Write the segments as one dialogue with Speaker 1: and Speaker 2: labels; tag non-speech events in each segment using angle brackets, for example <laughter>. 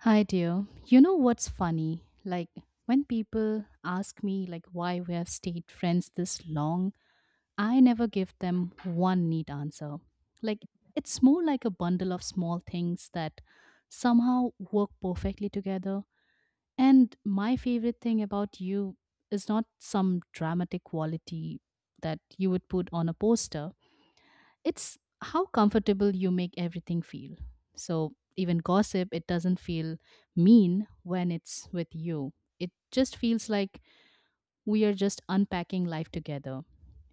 Speaker 1: Hi, dear. You know what's funny? Like, when people ask me, like, why we have stayed friends this long, I never give them one neat answer. Like, it's more like a bundle of small things that somehow work perfectly together. And my favorite thing about you is not some dramatic quality that you would put on a poster, it's how comfortable you make everything feel. So even gossip, it doesn't feel mean when it's with you. It just feels like we are just unpacking life together.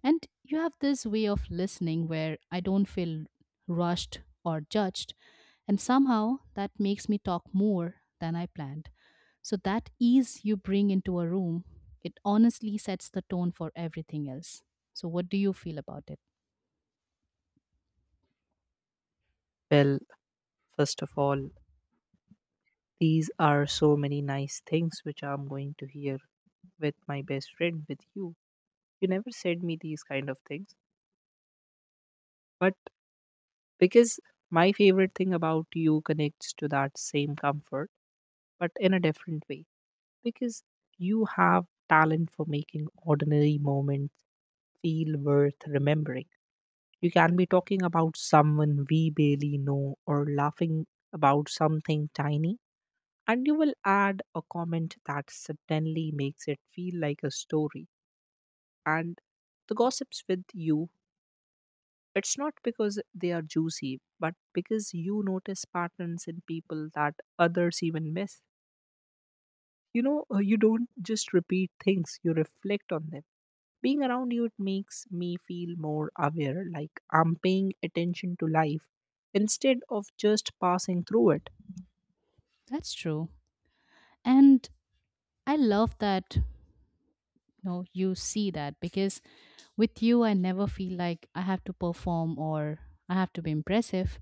Speaker 1: And you have this way of listening where I don't feel rushed or judged. And somehow that makes me talk more than I planned. So that ease you bring into a room, it honestly sets the tone for everything else. So, what do you feel about it?
Speaker 2: Well, first of all, these are so many nice things which I'm going to hear with my best friend, with you. You never said me these kind of things. But because my favorite thing about you connects to that same comfort, but in a different way. Because you have talent for making ordinary moments feel worth remembering. You can be talking about someone we barely know or laughing about something tiny and you will add a comment that suddenly makes it feel like a story. And the gossips with you, it's not because they are juicy but because you notice patterns in people that others even miss. You don't just repeat things, you reflect on them. Being around you, it makes me feel more aware, like I'm paying attention to life instead of just passing through it.
Speaker 1: That's true. And I love that you know you see that because with you I never feel like I have to perform or I have to be impressive.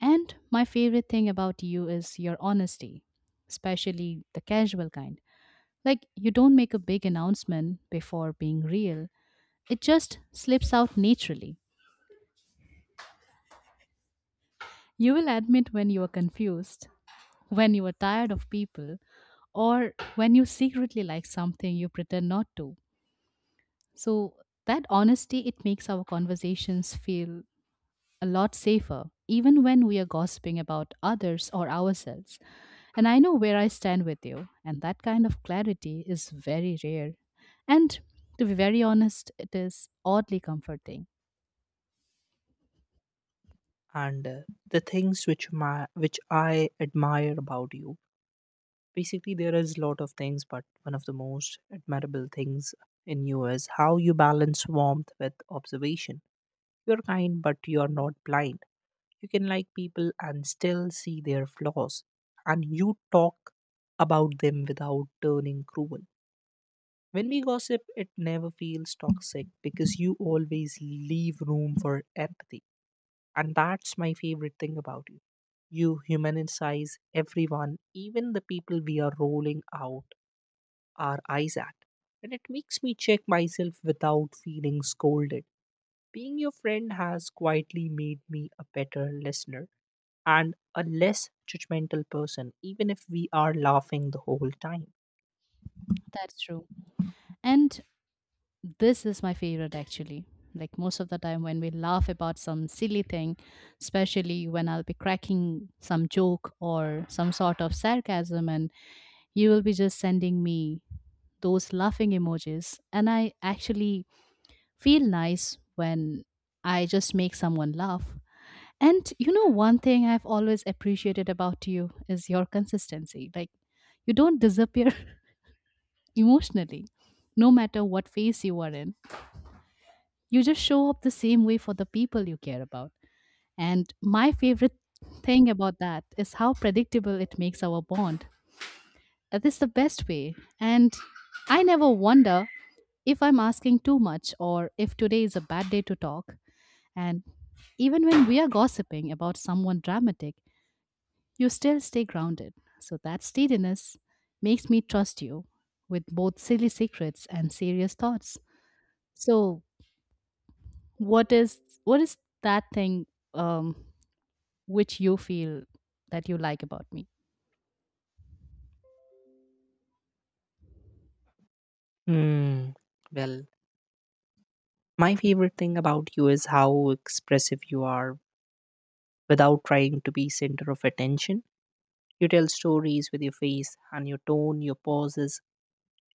Speaker 1: And my favorite thing about you is your honesty, especially the casual kind. Like you don't make a big announcement before being real. It just slips out naturally. You will admit when you are confused, when you are tired of people, or when you secretly like something you pretend not to. So that honesty it makes our conversations feel a lot safer even when we are gossiping about others or ourselves. And I know where I stand with you and that kind of clarity is very rare. And to be very honest, it is oddly comforting.
Speaker 2: And The things which I admire about you. Basically, there is a lot of things, but one of the most admirable things in you is how you balance warmth with observation. You're kind, but you're not blind. You can like people and still see their flaws, and you talk about them without turning cruel. When we gossip, it never feels toxic because you always leave room for empathy. And that's my favorite thing about you. You humanize everyone, even the people we are rolling out our eyes at. And it makes me check myself without feeling scolded. Being your friend has quietly made me a better listener and a less judgmental person, even if we are laughing the whole time.
Speaker 1: That's true. And this is my favorite actually. Like most of the time when we laugh about some silly thing, especially when I'll be cracking some joke or some sort of sarcasm and you will be just sending me those laughing emojis. And I actually feel nice when I just make someone laugh. And you know, one thing I've always appreciated about you is your consistency. Like, you don't disappear <laughs> emotionally, no matter what phase you are in. You just show up the same way for the people you care about. And my favorite thing about that is how predictable it makes our bond. That is the best way. And I never wonder if I'm asking too much or if today is a bad day to talk. And even when we are gossiping about someone dramatic, you still stay grounded. So that steadiness makes me trust you with both silly secrets and serious thoughts. So what is that thing, um, which you feel that you like about me?
Speaker 2: Hmm. Well, my favorite thing about you is how expressive you are without trying to be center of attention. You tell stories with your face and your tone, your pauses.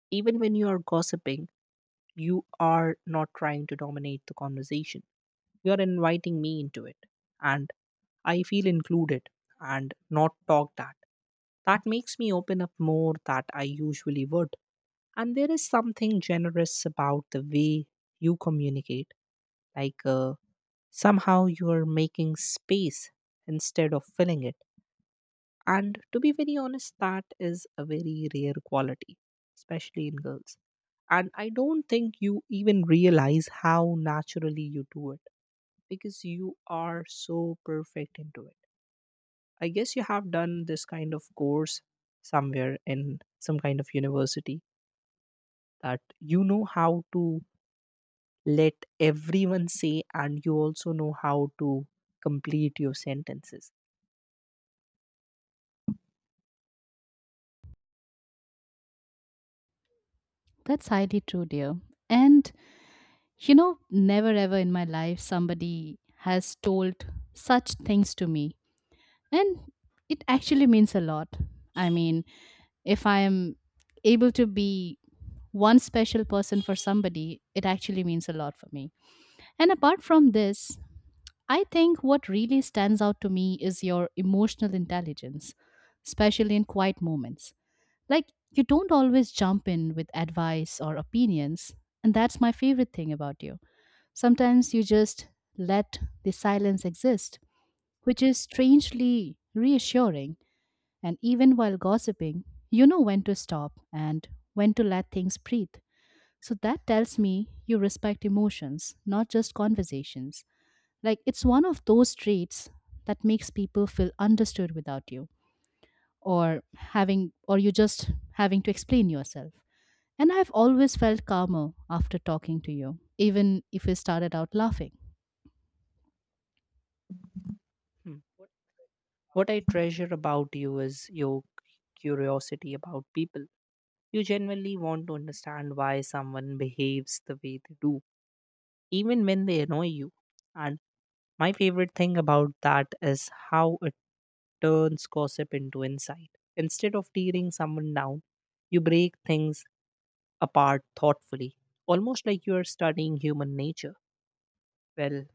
Speaker 2: Even when you are gossiping, you are not trying to dominate the conversation. You are inviting me into it, and I feel included and not talked at. That makes me open up more than I usually would. And there is something generous about the way you communicate, like uh, somehow you are making space instead of filling it. And to be very honest, that is a very rare quality, especially in girls. And I don't think you even realize how naturally you do it because you are so perfect into it. I guess you have done this kind of course somewhere in some kind of university that you know how to let everyone say, and you also know how to complete your sentences.
Speaker 1: That's highly true, dear. And you know, never ever in my life somebody has told such things to me. And it actually means a lot. I mean, if I am able to be one special person for somebody, it actually means a lot for me. And apart from this, I think what really stands out to me is your emotional intelligence, especially in quiet moments. Like, you don't always jump in with advice or opinions, and that's my favorite thing about you. Sometimes you just let the silence exist, which is strangely reassuring. And even while gossiping, you know when to stop and when to let things breathe. So that tells me you respect emotions, not just conversations. Like it's one of those traits that makes people feel understood without you or having or you just having to explain yourself. And I've always felt calmer after talking to you, even if we started out laughing.
Speaker 2: Hmm. What I treasure about you is your curiosity about people. You genuinely want to understand why someone behaves the way they do, even when they annoy you. And my favorite thing about that is how it turns gossip into insight. Instead of tearing someone down, you break things apart thoughtfully, almost like you are studying human nature. Well,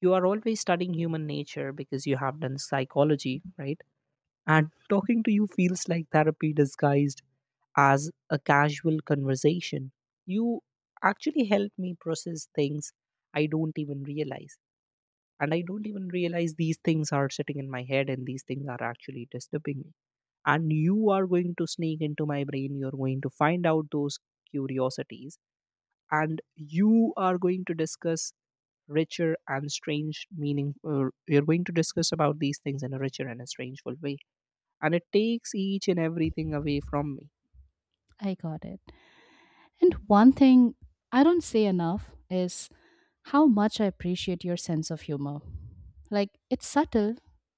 Speaker 2: you are always studying human nature because you have done psychology, right? And talking to you feels like therapy disguised as a casual conversation. You actually help me process things I don't even realize. And I don't even realize these things are sitting in my head and these things are actually disturbing me. And you are going to sneak into my brain. You're going to find out those curiosities. And you are going to discuss richer and strange meaning. You're going to discuss about these things in a richer and a strangeful way and it takes each and everything away from me.
Speaker 1: I got it. And one thing I don't say enough is how much I appreciate your sense of humor. Like, it's subtle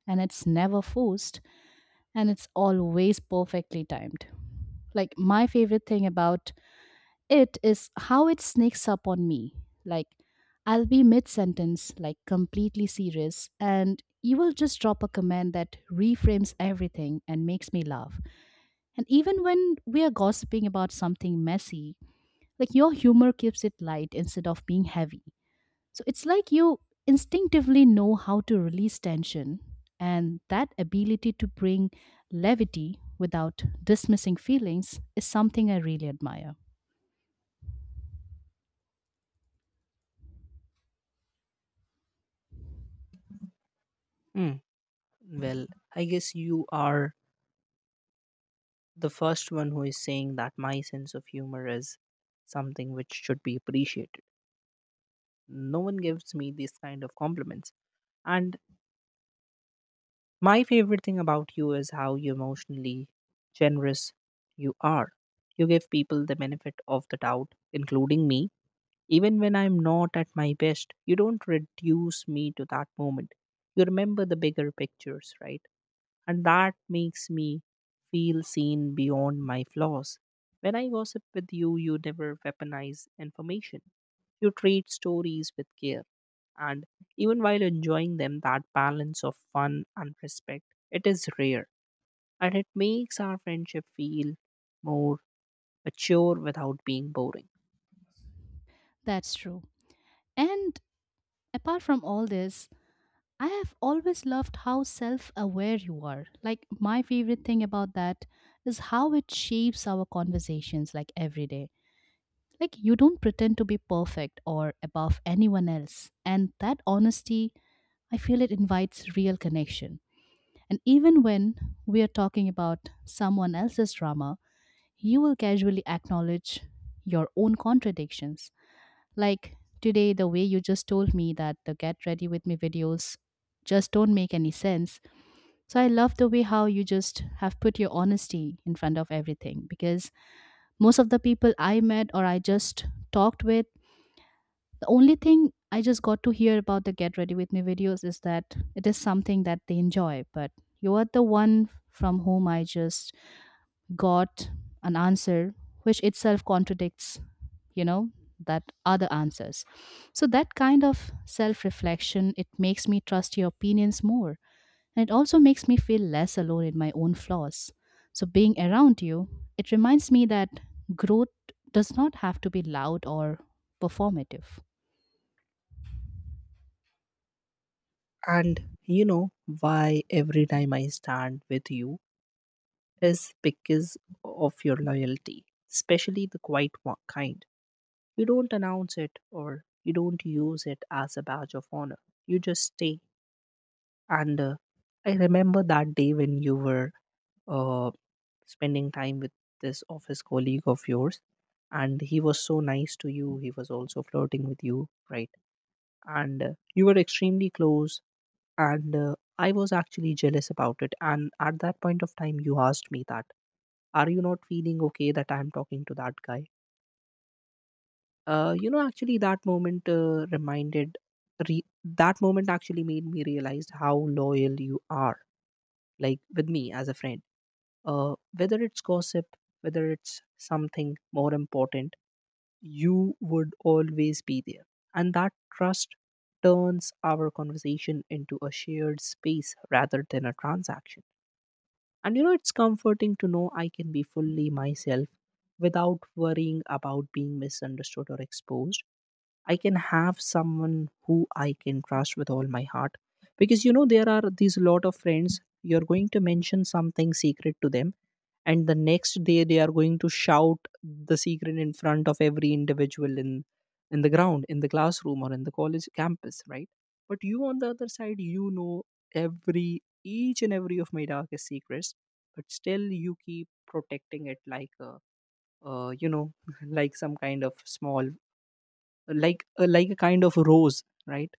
Speaker 1: and it's never forced and it's always perfectly timed. Like, my favorite thing about it is how it sneaks up on me. Like, I'll be mid sentence, like completely serious, and you will just drop a comment that reframes everything and makes me laugh. And even when we are gossiping about something messy, like your humor keeps it light instead of being heavy. So it's like you instinctively know how to release tension, and that ability to bring levity without dismissing feelings is something I really admire.
Speaker 2: Mm, well, I guess you are the first one who is saying that my sense of humor is something which should be appreciated. No one gives me these kind of compliments. And my favorite thing about you is how you emotionally generous you are. You give people the benefit of the doubt, including me. Even when I'm not at my best, you don't reduce me to that moment. You remember the bigger pictures, right? And that makes me feel seen beyond my flaws. When I gossip with you, you never weaponize information. You treat stories with care, and even while enjoying them, that balance of fun and respect, it is rare, and it makes our friendship feel more mature without being boring.
Speaker 1: That's true. And apart from all this, I have always loved how self aware you are. Like, my favorite thing about that is how it shapes our conversations, like every day. Like, you don't pretend to be perfect or above anyone else. And that honesty, I feel it invites real connection. And even when we are talking about someone else's drama, you will casually acknowledge your own contradictions. Like today, the way you just told me that the Get Ready With Me videos just don't make any sense. So I love the way how you just have put your honesty in front of everything because most of the people I met or I just talked with, the only thing I just got to hear about the Get Ready With Me videos is that it is something that they enjoy, but you are the one from whom I just got an answer which itself contradicts, you know, that other answers. So that kind of self-reflection, it makes me trust your opinions more. And it also makes me feel less alone in my own flaws. So being around you, it reminds me that growth does not have to be loud or performative.
Speaker 2: And you know why every time I stand with you is because of your loyalty, especially the kind. You don't announce it or you don't use it as a badge of honor. You just stay. And I remember that day when you were uh, spending time with this office colleague of yours, and he was so nice to you. He was also flirting with you, right? And You were extremely close. And I was actually jealous about it. And at that point of time, you asked me that, are you not feeling okay that I'm talking to that guy? You know, actually that moment that moment actually made me realize how loyal you are, like with me as a friend, whether it's gossip, whether it's something more important, you would always be there, and that trust turns our conversation into a shared space rather than a transaction. And you know, it's comforting to know I can be fully myself without worrying about being misunderstood or exposed. I can have someone who I can trust with all my heart. Because you know, there are these lot of friends, you're going to mention something secret to them, and the next day they are going to shout the secret in front of every individual in the ground, in the classroom, or in the college campus, right? But you on the other side, you know every each and every of my darkest secrets, but still you keep protecting it like a you know, <laughs> like some kind of small, like a kind of rose, right?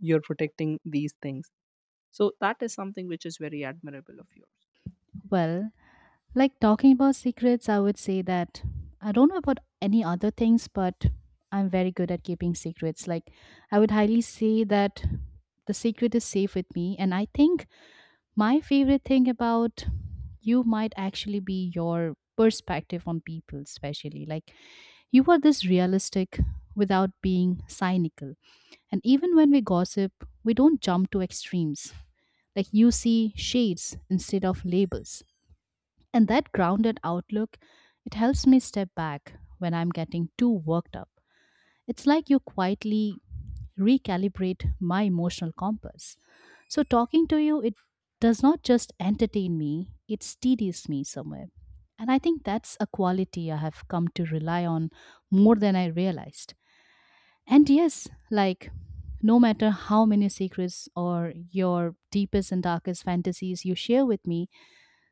Speaker 2: You're protecting these things, so that is something which is very admirable of yours.
Speaker 1: Well, like talking about secrets, I would say that I don't know about any other things, but I'm very good at keeping secrets. Like, I would highly say that the secret is safe with me. And I think my favorite thing about you might actually be your perspective on people, especially. Like, you are this realistic without being cynical. And even when we gossip, we don't jump to extremes. Like, you see shades instead of labels and that grounded outlook, it helps me step back when I'm getting too worked up. It's like you quietly recalibrate my emotional compass. So talking to you, it does not just entertain me, it steadies me somewhere. And I think that's a quality I have come to rely on more than I realized. And yes, like no matter how many secrets or your deepest and darkest fantasies you share with me,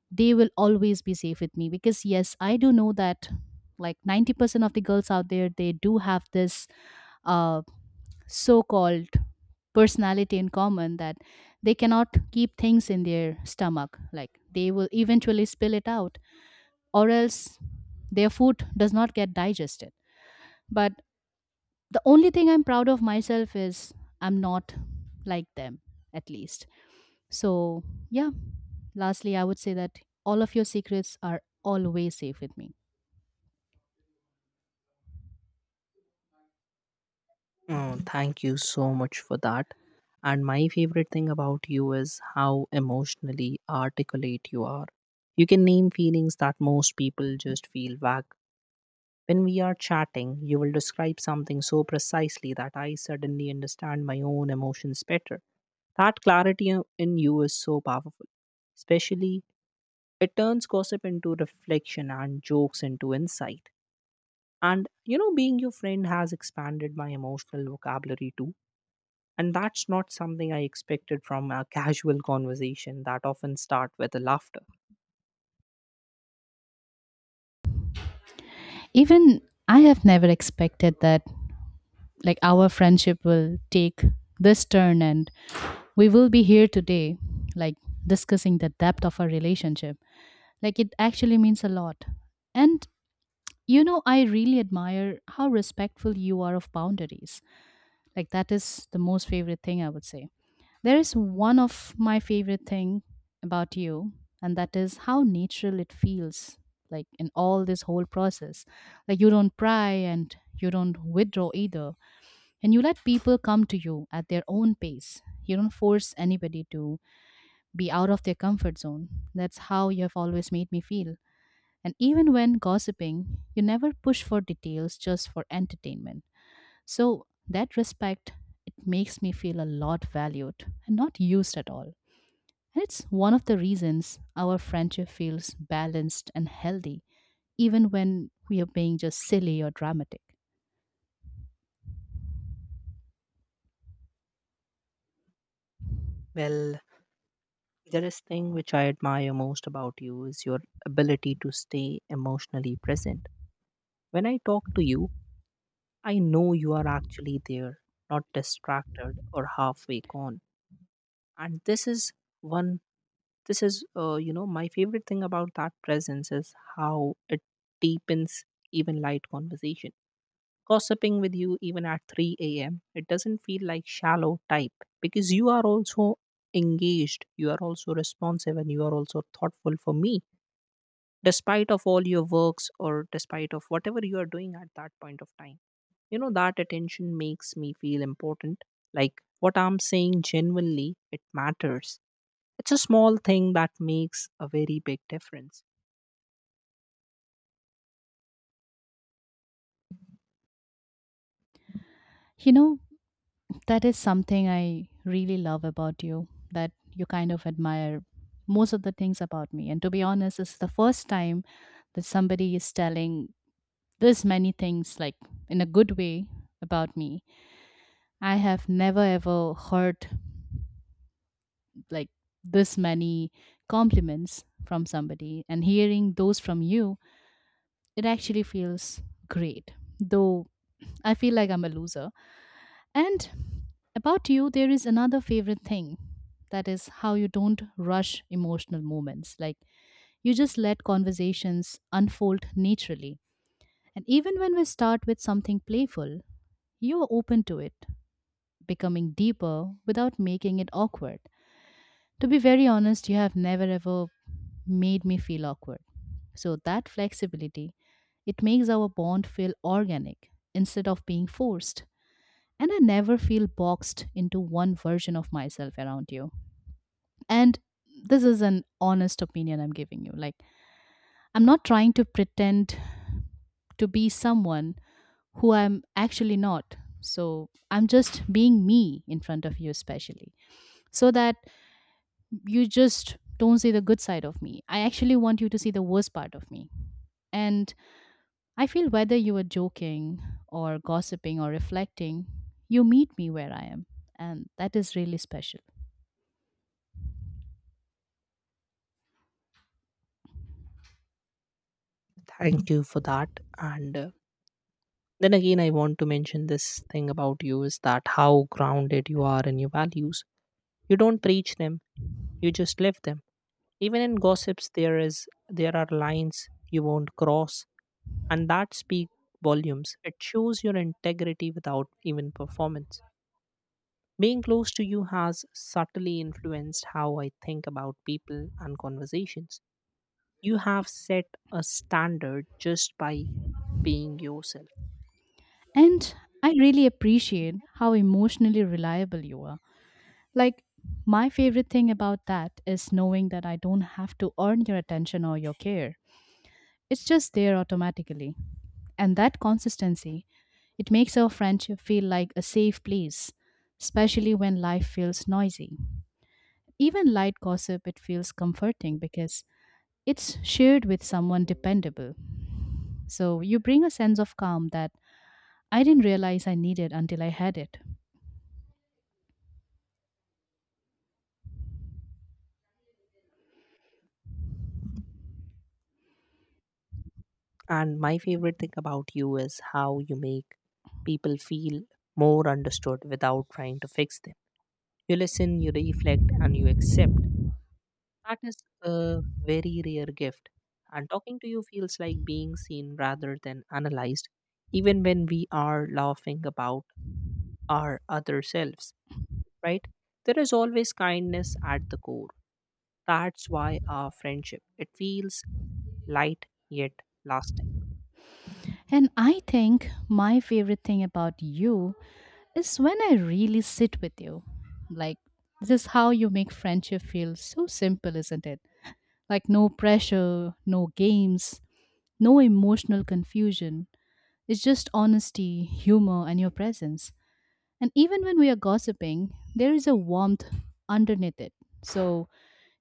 Speaker 1: they will always be safe with me because yes I do know that like 90% of the girls out there they do have this uh, so-called personality in common that they cannot keep things in their stomach like they will eventually spill it out or else their food does not get digested. But the only thing I'm proud of myself is I'm not like them, at least. So yeah, lastly I would say that all of your secrets are always safe with me.
Speaker 2: Oh, thank you so much for that. And my favorite thing about you is how emotionally articulate you are. You can name feelings that most people just feel vague. When we are chatting, you will describe something so precisely that I suddenly understand my own emotions better. That clarity in you is so powerful, especially. It turns gossip into reflection and jokes into insight. And you know, being your friend has expanded my emotional vocabulary too. And that's not something I expected from a casual conversation that often start with a laughter.
Speaker 1: Even I have never expected that like our friendship will take this turn and we will be here today like discussing the depth of our relationship. Like it actually means a lot. And you know I really admire how respectful you are of boundaries. Like that is the most favorite thing I would say. There is one of my favorite thing about you, and that is how natural it feels like in all this whole process. Like you don't pry and you don't withdraw either. And you let people come to you at their own pace. You don't force anybody to be out of their comfort zone. That's how you have always made me feel. And even when gossiping, you never push for details just for entertainment. So that respect, it makes me feel a lot valued and not used at all. And it's one of the reasons our friendship feels balanced and healthy, even when we are being just silly or dramatic.
Speaker 2: Well, there is thing which I admire most about you is your ability to stay emotionally present. When I talk to you, I know you are actually there, not distracted or halfway gone. And this is one This is, You know, my favorite thing about that presence is how it deepens even light conversation. Gossiping with you even at 3 a.m., it doesn't feel like shallow type because you are also engaged, you are also responsive, and you are also thoughtful for me, despite of all your works or despite of whatever you are doing at that point of time. You know, that attention makes me feel important, like what I'm saying genuinely, it matters. It's a small thing that makes a very big difference.
Speaker 1: You know, that is something I really love about you, that you kind of admire most of the things about me. And to be honest, it's the first time that somebody is telling this many things, like in a good way, about me. I have never ever heard like this many compliments from somebody, and hearing those from you it actually feels great, though I feel like I'm a loser. And about you, there is another favorite thing that is how you don't rush emotional moments. Like you just let conversations unfold naturally. And even when we start with something playful, you are open to it, becoming deeper without making it awkward. To be very honest, you have never ever made me feel awkward. So that flexibility, it makes our bond feel organic instead of being forced. And I never feel boxed into one version of myself around you. And this is an honest opinion I'm giving you. Like, I'm not trying to pretend to be someone who I'm actually not. So, I'm just being me in front of you, especially, so that you just don't see the good side of me. I actually want you to see the worst part of me. And I feel whether you are joking or gossiping or reflecting, you meet me where I am. And that is really special.
Speaker 2: Thank you for that. And Then again, I want to mention this thing about you is that how grounded you are in your values. You don't preach them; you just live them. Even in gossips, there are lines you won't cross, and that speak volumes. It shows your integrity without even performance. Being close to you has subtly influenced how I think about people and conversations. You have set a standard just by being yourself.
Speaker 1: And I really appreciate how emotionally reliable you are. Like, my favorite thing about that is knowing that I don't have to earn your attention or your care. It's just there automatically. And that consistency, it makes our friendship feel like a safe place, especially when life feels noisy. Even light gossip, it feels comforting because it's shared with someone dependable. So you bring a sense of calm that I didn't realize I needed until I had it.
Speaker 2: And my favorite thing about you is how you make people feel more understood without trying to fix them. You listen, you reflect, and you accept. That is a very rare gift. And talking to you feels like being seen rather than analyzed, even when we are laughing about our other selves, right? There is always kindness at the core. That's why our friendship, it feels light yet lasting.
Speaker 1: And I think my favorite thing about you is when I really sit with you. Like, this is how you make friendship feel so simple, isn't it? Like, no pressure, no games, no emotional confusion. It's just honesty, humor, and your presence. And even when we are gossiping, there is a warmth underneath it. So,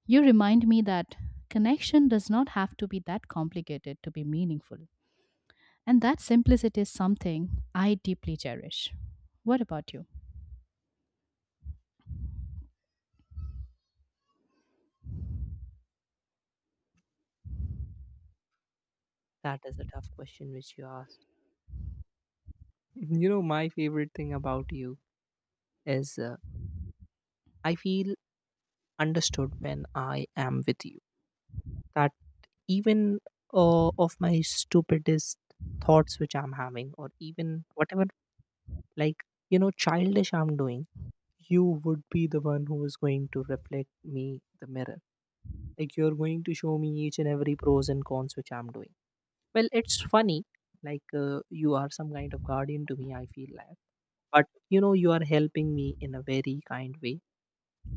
Speaker 1: you remind me that connection does not have to be that complicated to be meaningful. And that simplicity is something I deeply cherish. What about you?
Speaker 2: That is a tough question which you asked. <laughs> You know, my favorite thing about you is I feel understood when I am with you. That even of my stupidest thoughts which I'm having, or even whatever, like, you know, childish I'm doing, you would be the one who is going to reflect me the mirror. Like, you're going to show me each and every pros and cons which I'm doing. Well, it's funny, you are some kind of guardian to me, I feel like. But you know, you are helping me in a very kind way.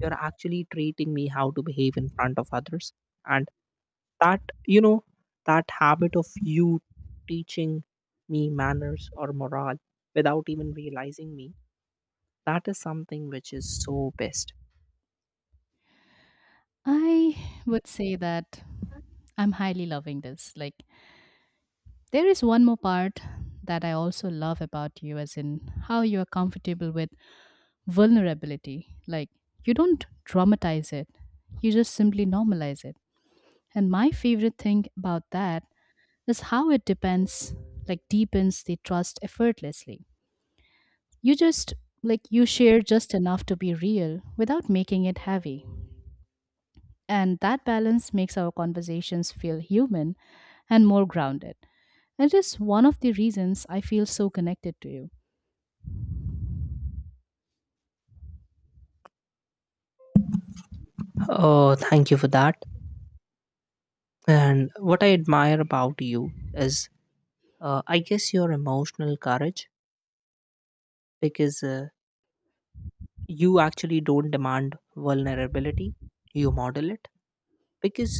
Speaker 2: You're actually treating me how to behave in front of others, and that, you know, that habit of you teaching me manners or morale without even realizing me, that is something which is so best.
Speaker 1: I would say that I'm highly loving this. Like, there is one more part that I also love about you, as in how you are comfortable with vulnerability. Like, you don't dramatize it, you just simply normalize it. And my favorite thing about that is how it depends, like, deepens the trust effortlessly. You just, like, you share just enough to be real without making it heavy. And that balance makes our conversations feel human and more grounded. It is one of the reasons I feel so connected to you.
Speaker 2: Oh, thank you for that. And what I admire about you is I guess your emotional courage, because you actually don't demand vulnerability, you model it. Because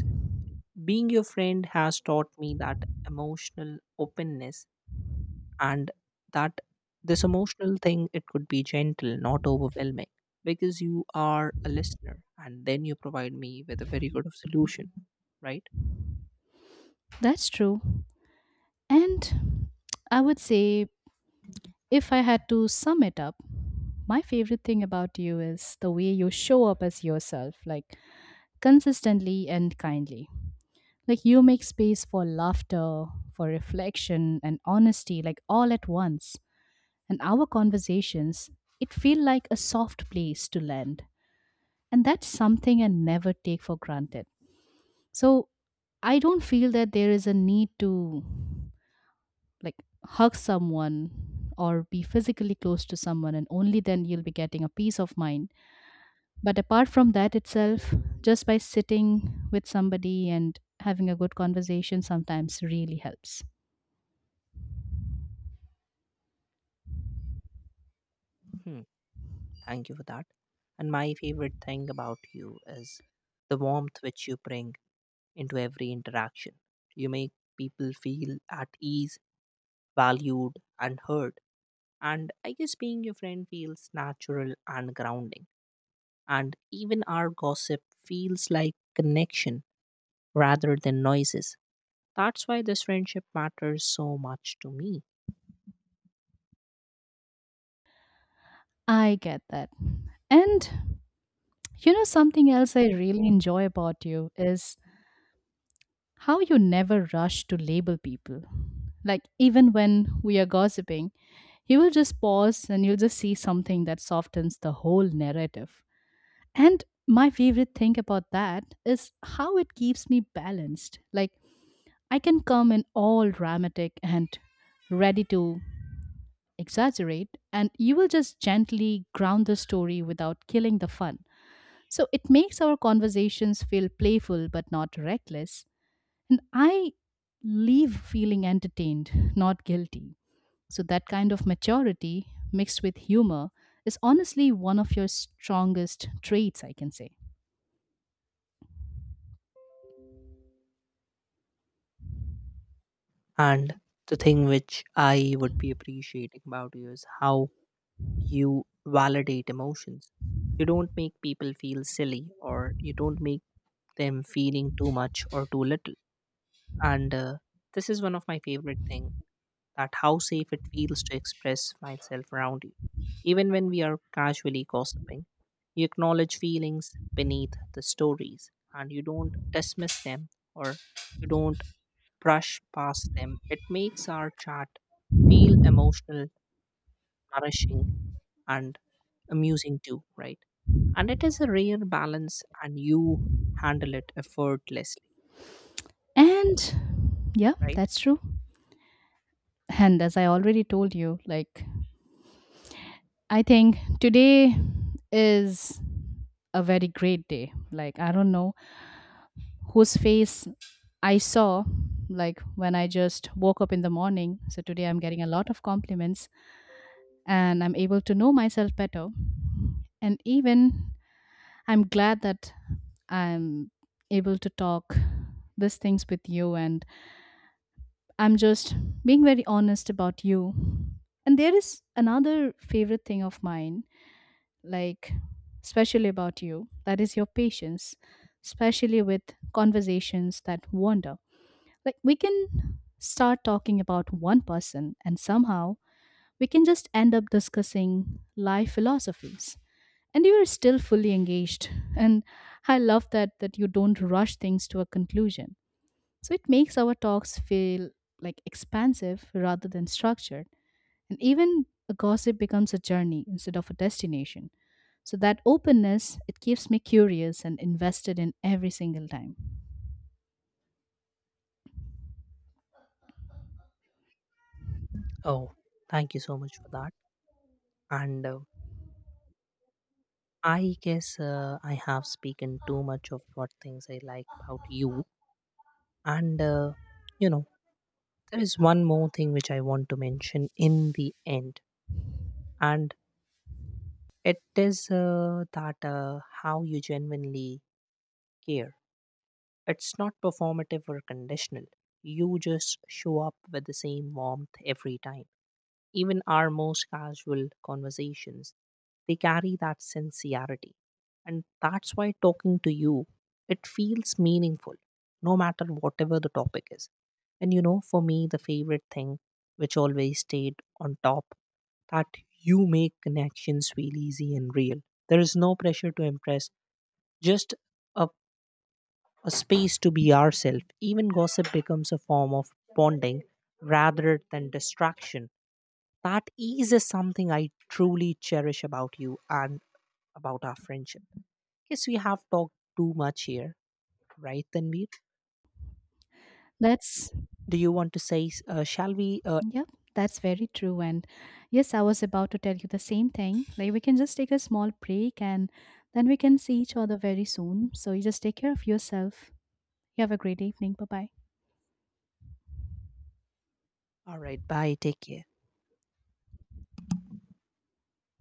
Speaker 2: being your friend has taught me that emotional openness and that this emotional thing, it could be gentle, not overwhelming, because you are a listener and then you provide me with a very good of solution, right?
Speaker 1: That's true. And I would say, if I had to sum it up, my favorite thing about you is the way you show up as yourself, like consistently and kindly. Like you make space for laughter, for reflection, and honesty, like all at once. And our conversations, it feel like a soft place to land. And that's something I never take for granted. So I don't feel that there is a need to, like, hug someone or be physically close to someone and only then you'll be getting a peace of mind, but apart from that itself, just by sitting with somebody and having a good conversation sometimes really helps.
Speaker 2: Hmm. Thank you for that. And my favorite thing about you is the warmth which you bring into every interaction. You make people feel at ease, valued, and heard. And I guess being your friend feels natural and grounding. And even our gossip feels like connection rather than noises. That's why this friendship matters so much to me.
Speaker 1: I get that. And you know something else I really enjoy about you is how you never rush to label people. Like, even when we are gossiping, you will just pause and you'll just see something that softens the whole narrative. And my favorite thing about that is how it keeps me balanced. Like, I can come in all dramatic and ready to exaggerate, and you will just gently ground the story without killing the fun. So, it makes our conversations feel playful but not reckless. And I leave feeling entertained, not guilty. So, that kind of maturity mixed with humor is honestly one of your strongest traits, I can say.
Speaker 2: And the thing which I would be appreciating about you is how you validate emotions. You don't make people feel silly or you don't make them feeling too much or too little. And This is one of my favorite things, that how safe it feels to express myself around you. Even when we are casually gossiping, you acknowledge feelings beneath the stories and you don't dismiss them or you don't brush past them. It makes our chat feel emotional, nourishing, and amusing too, right? And it is a rare balance, and you handle it effortlessly,
Speaker 1: And yeah,
Speaker 2: right?
Speaker 1: that's true. And as I already told you, like, I think today is a very great day. Like, I don't know whose face I saw, like, when I just woke up in the morning. So today I'm getting a lot of compliments and I'm able to know myself better. And even I'm glad that I'm able to talk these things with you and I'm just being very honest about you. And there is another favorite thing of mine, like, especially about you, that is your patience, especially with conversations that wander. Like, we can start talking about one person, and somehow we can just end up discussing life philosophies. And you are still fully engaged. And I love that you don't rush things to a conclusion, so it makes our talks feel like expansive rather than structured. And even a gossip becomes a journey instead of a destination. So that openness, it keeps me curious and invested in every single time.
Speaker 2: Oh, thank you so much for that. And I guess I have spoken too much of what things I like about you. And, uh, you know, there is one more thing which I want to mention in the end. And it is that how you genuinely care. It's not performative or conditional. You just show up with the same warmth every time. Even our most casual conversations, they carry that sincerity. And that's why talking to you, it feels meaningful, no matter whatever the topic is. And you know, for me, the favorite thing which always stayed on top, that you make connections feel easy and real. There is no pressure to impress, just a, a space to be ourselves. Even gossip becomes a form of bonding rather than distraction. That ease is something I truly cherish about you and about our friendship. Guess we have talked too much here, right, Tanveer?
Speaker 1: That's
Speaker 2: Do you want to say, shall we?
Speaker 1: yep, that's very true. And yes, I was about to tell you the same thing. Like we can just take a small break and then we can see each other very soon. So you just take care of yourself. You have a great evening. Bye bye.
Speaker 2: All right, bye, take care.